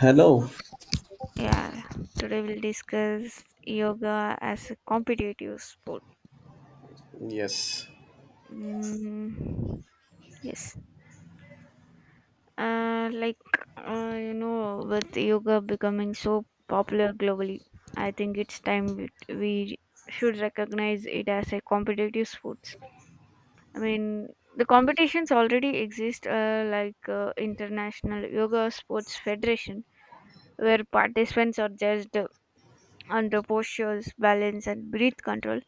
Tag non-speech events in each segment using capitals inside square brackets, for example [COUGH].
Hello. Yeah, today we'll discuss yoga as a competitive sport. Yes. Mm, yes, uh, like with yoga becoming so popular globally, I think it's time we should recognize it as a competitive sport. I mean, the competitions already exist, International Yoga Sports Federation, where participants are judged on the postures, balance, and breath control.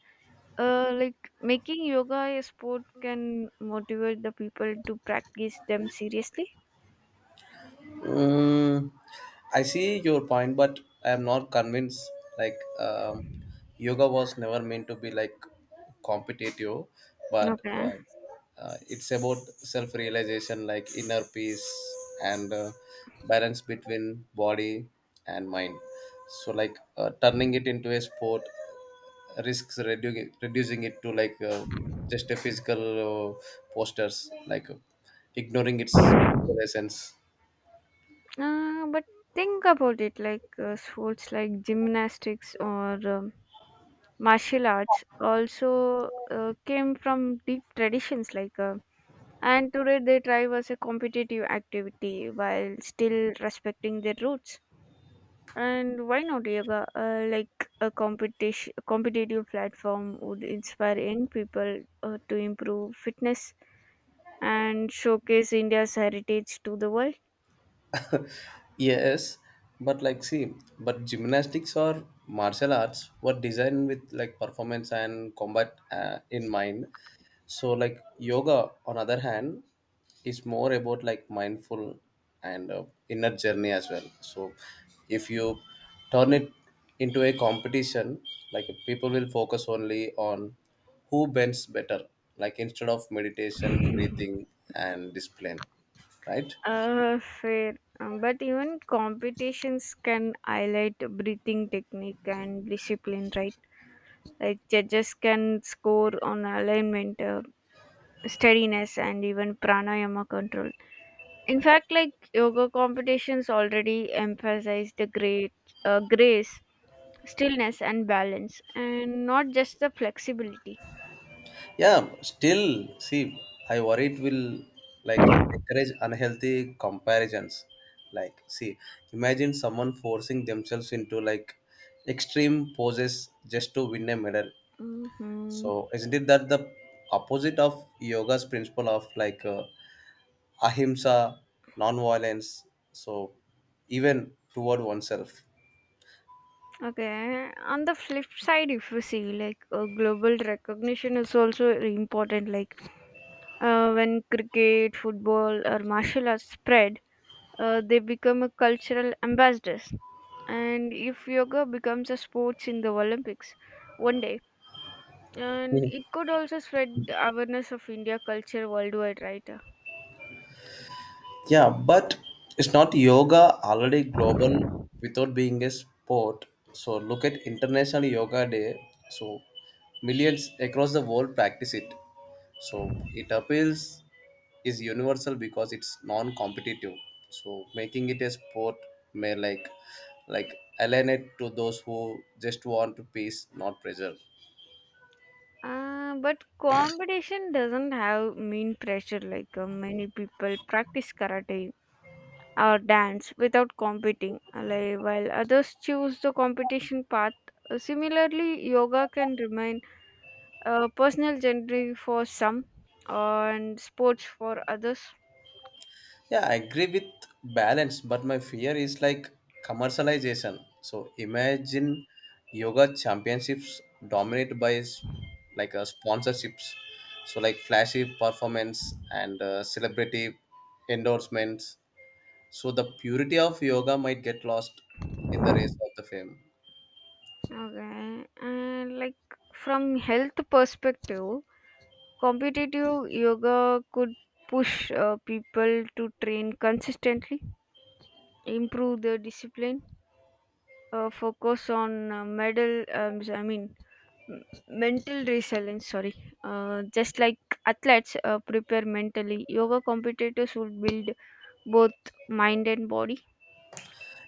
Like making yoga a sport can motivate the people to practice them seriously. Mm, I see your point, but I am not convinced. Like, um yoga was never meant to be like competitive, but Okay. uh, uh, it's about self realization, like inner peace and balance between body and mind. So, like, turning it into a sport risks reducing it to like just a physical posters like ignoring its spiritual essence. But think about it like sports like gymnastics or martial arts also came from deep traditions and today they thrive as a competitive activity while still respecting their roots. And why not yoga? Like a competitive platform would inspire young people to improve fitness and showcase India's heritage to the world. Yes, but like see, but gymnastics or martial arts were designed with like performance and combat in mind. So like yoga on other hand is more about like mindful and inner journey as well. So if you turn it into a competition, like people will focus only on who bends better, like instead of meditation, breathing and discipline, right? Fair. But even competitions can highlight breathing technique and discipline, right? Like judges can score on alignment, steadiness, and even pranayama control. In fact, like yoga competitions already emphasize the great grace, stillness, and balance, and not just the flexibility. Yeah, still, see, I worry it will like encourage unhealthy comparisons. Like, see, imagine someone forcing themselves into like extreme poses just to win a medal. Hmm. So, isn't it that the opposite of yoga's principle of like ahimsa, non violence? So, even toward oneself. Okay, on the flip side, if you see, like, global recognition is also important, like when cricket, football, or martial arts spread, they become a cultural ambassadors, and if yoga becomes a sports in the olympics one day, and it could also spread the awareness of india culture worldwide, right? Yeah, but it's not yoga already global without being a sport? So look at International Yoga Day. So millions across the world practice it. So it appeals is universal because it's non-competitive. So making it a sport may like alienate to those who just want peace, not pressure. But competition doesn't have mean pressure, like many people practice karate or dance without competing, while others choose the competition path. Similarly, yoga can remain a personal journey for some and sports for others. Yeah, I agree with balance, but my fear is like commercialization. So imagine yoga championships dominated by sponsorships. So like flashy performance and celebrity endorsements. So the purity of yoga might get lost in the race of the fame. Okay, and like, from health perspective, competitive yoga could push people to train consistently, improve their discipline, focus on medal I mean m- mental resilience, sorry. Just like athletes prepare mentally, yoga competitors would build both mind and body.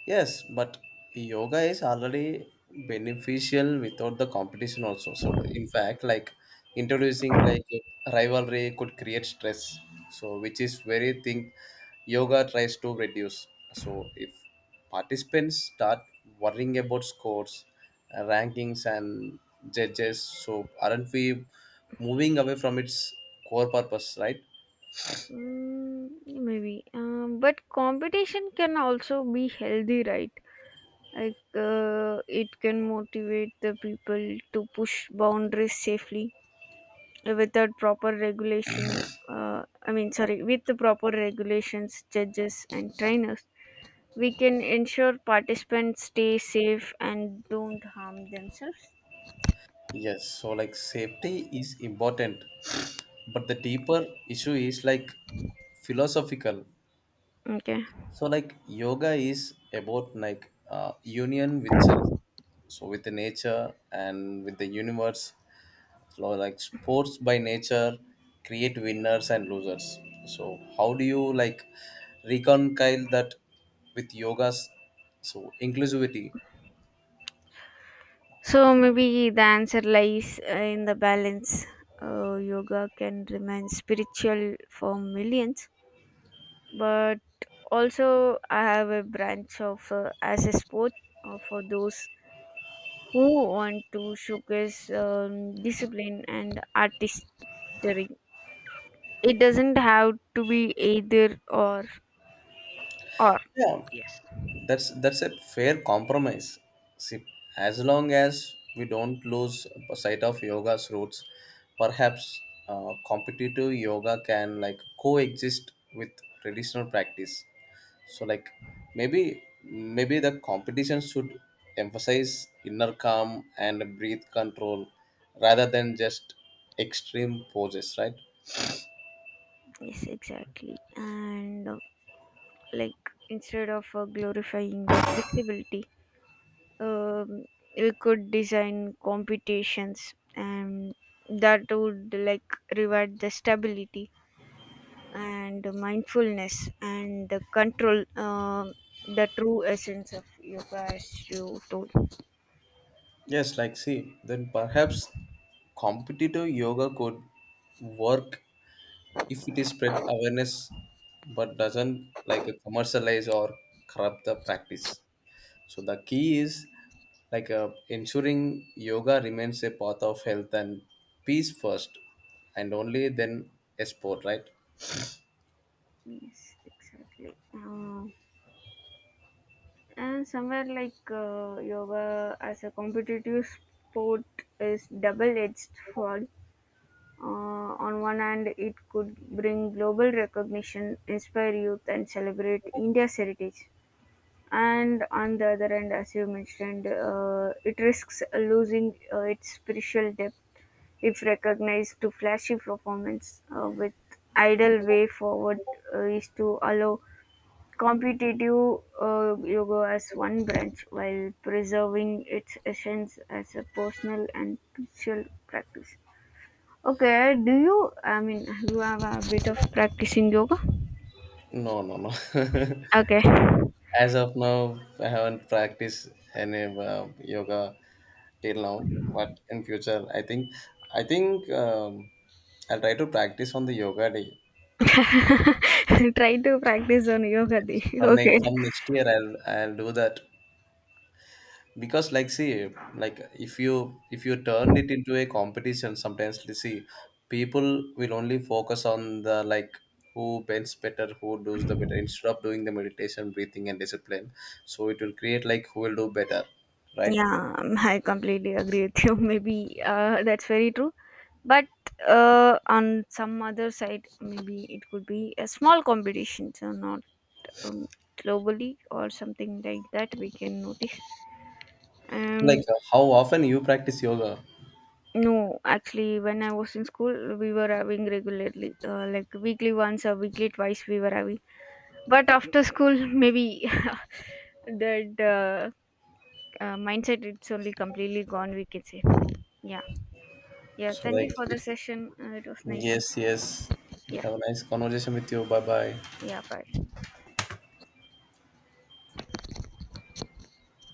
Yes, but yoga is already beneficial without the competition also. So in fact, like introducing like rivalry could create stress. So which is very thing yoga tries to reduce. So if participants start worrying about scores, rankings and judges, so aren't we moving away from its core purpose, right? Mm, maybe, but competition can also be healthy, right? Like it can motivate the people to push boundaries safely without proper regulation I mean sorry with the proper regulations, judges, and trainers, we can ensure participants stay safe and don't harm themselves. Yes, so like safety is important, but the deeper issue is like philosophical. Okay. So like yoga is about like union with self, so with the nature and with the universe. So like sports by nature create winners and losers. So how do you like reconcile that with yoga's so inclusivity? So maybe the answer lies, in the balance. Yoga can remain spiritual for millions, but also I have a branch of, as a sport, for those who want to showcase, discipline and artistry. It doesn't have to be either or or. Yeah, Yes. that's a fair compromise. See, as long as we don't lose sight of yoga's roots, perhaps competitive yoga can like coexist with traditional practice. So like, maybe the competition should emphasize inner calm and breath control rather than just extreme poses, right? Yes, exactly, and like, instead of glorifying the flexibility, um, we could design competitions and that would like reward the stability and the mindfulness and the control, the true essence of yoga as you told. Yes, like see, then perhaps competitive yoga could work if it is spread awareness but doesn't like commercialize or corrupt the practice. So the key is like ensuring yoga remains a path of health and peace first, and only then a sport, right? Yes, exactly. And somewhere, like yoga as a competitive sport is double edged sword. Uh, on one hand, it could bring global recognition, inspire youth, and celebrate India's heritage. And on the other hand, as you mentioned, it risks losing its spiritual depth if recognized to flashy performance with ideal way forward is to allow competitive yoga as one branch while preserving its essence as a personal and spiritual practice. Okay, do you, I mean, you have a bit of practicing yoga? No, no, no. [LAUGHS] Okay, [LAUGHS] As of now, I haven't practiced any uh, yoga till now, but in future I think, I think I'll try to practice on the yoga day. try to practice on yoga. Day. [LAUGHS] from Okay. next from next year I'll do that. Because like see, like if you turned it into a competition, sometimes you see people will only focus on the like who bends better, who does the better, instead of doing the meditation, breathing and discipline. So it will create like who will do better, right? Yeah, I completely agree with you. [LAUGHS] Maybe that's very true. But on some other side, maybe it could be a small competition, so not, um, globally or something like that we can notice, Like, and how often you practice yoga? no, actually when I was in school we were having regularly, like weekly once or weekly twice we were having, but after school [LAUGHS] maybe [LAUGHS] that mindset it's only completely gone, we can say. Yeah. Yeah, So thank you like for the if, session, it was nice. yes, yes, Yeah. have a nice conversation with you. Bye bye. Yeah, bye.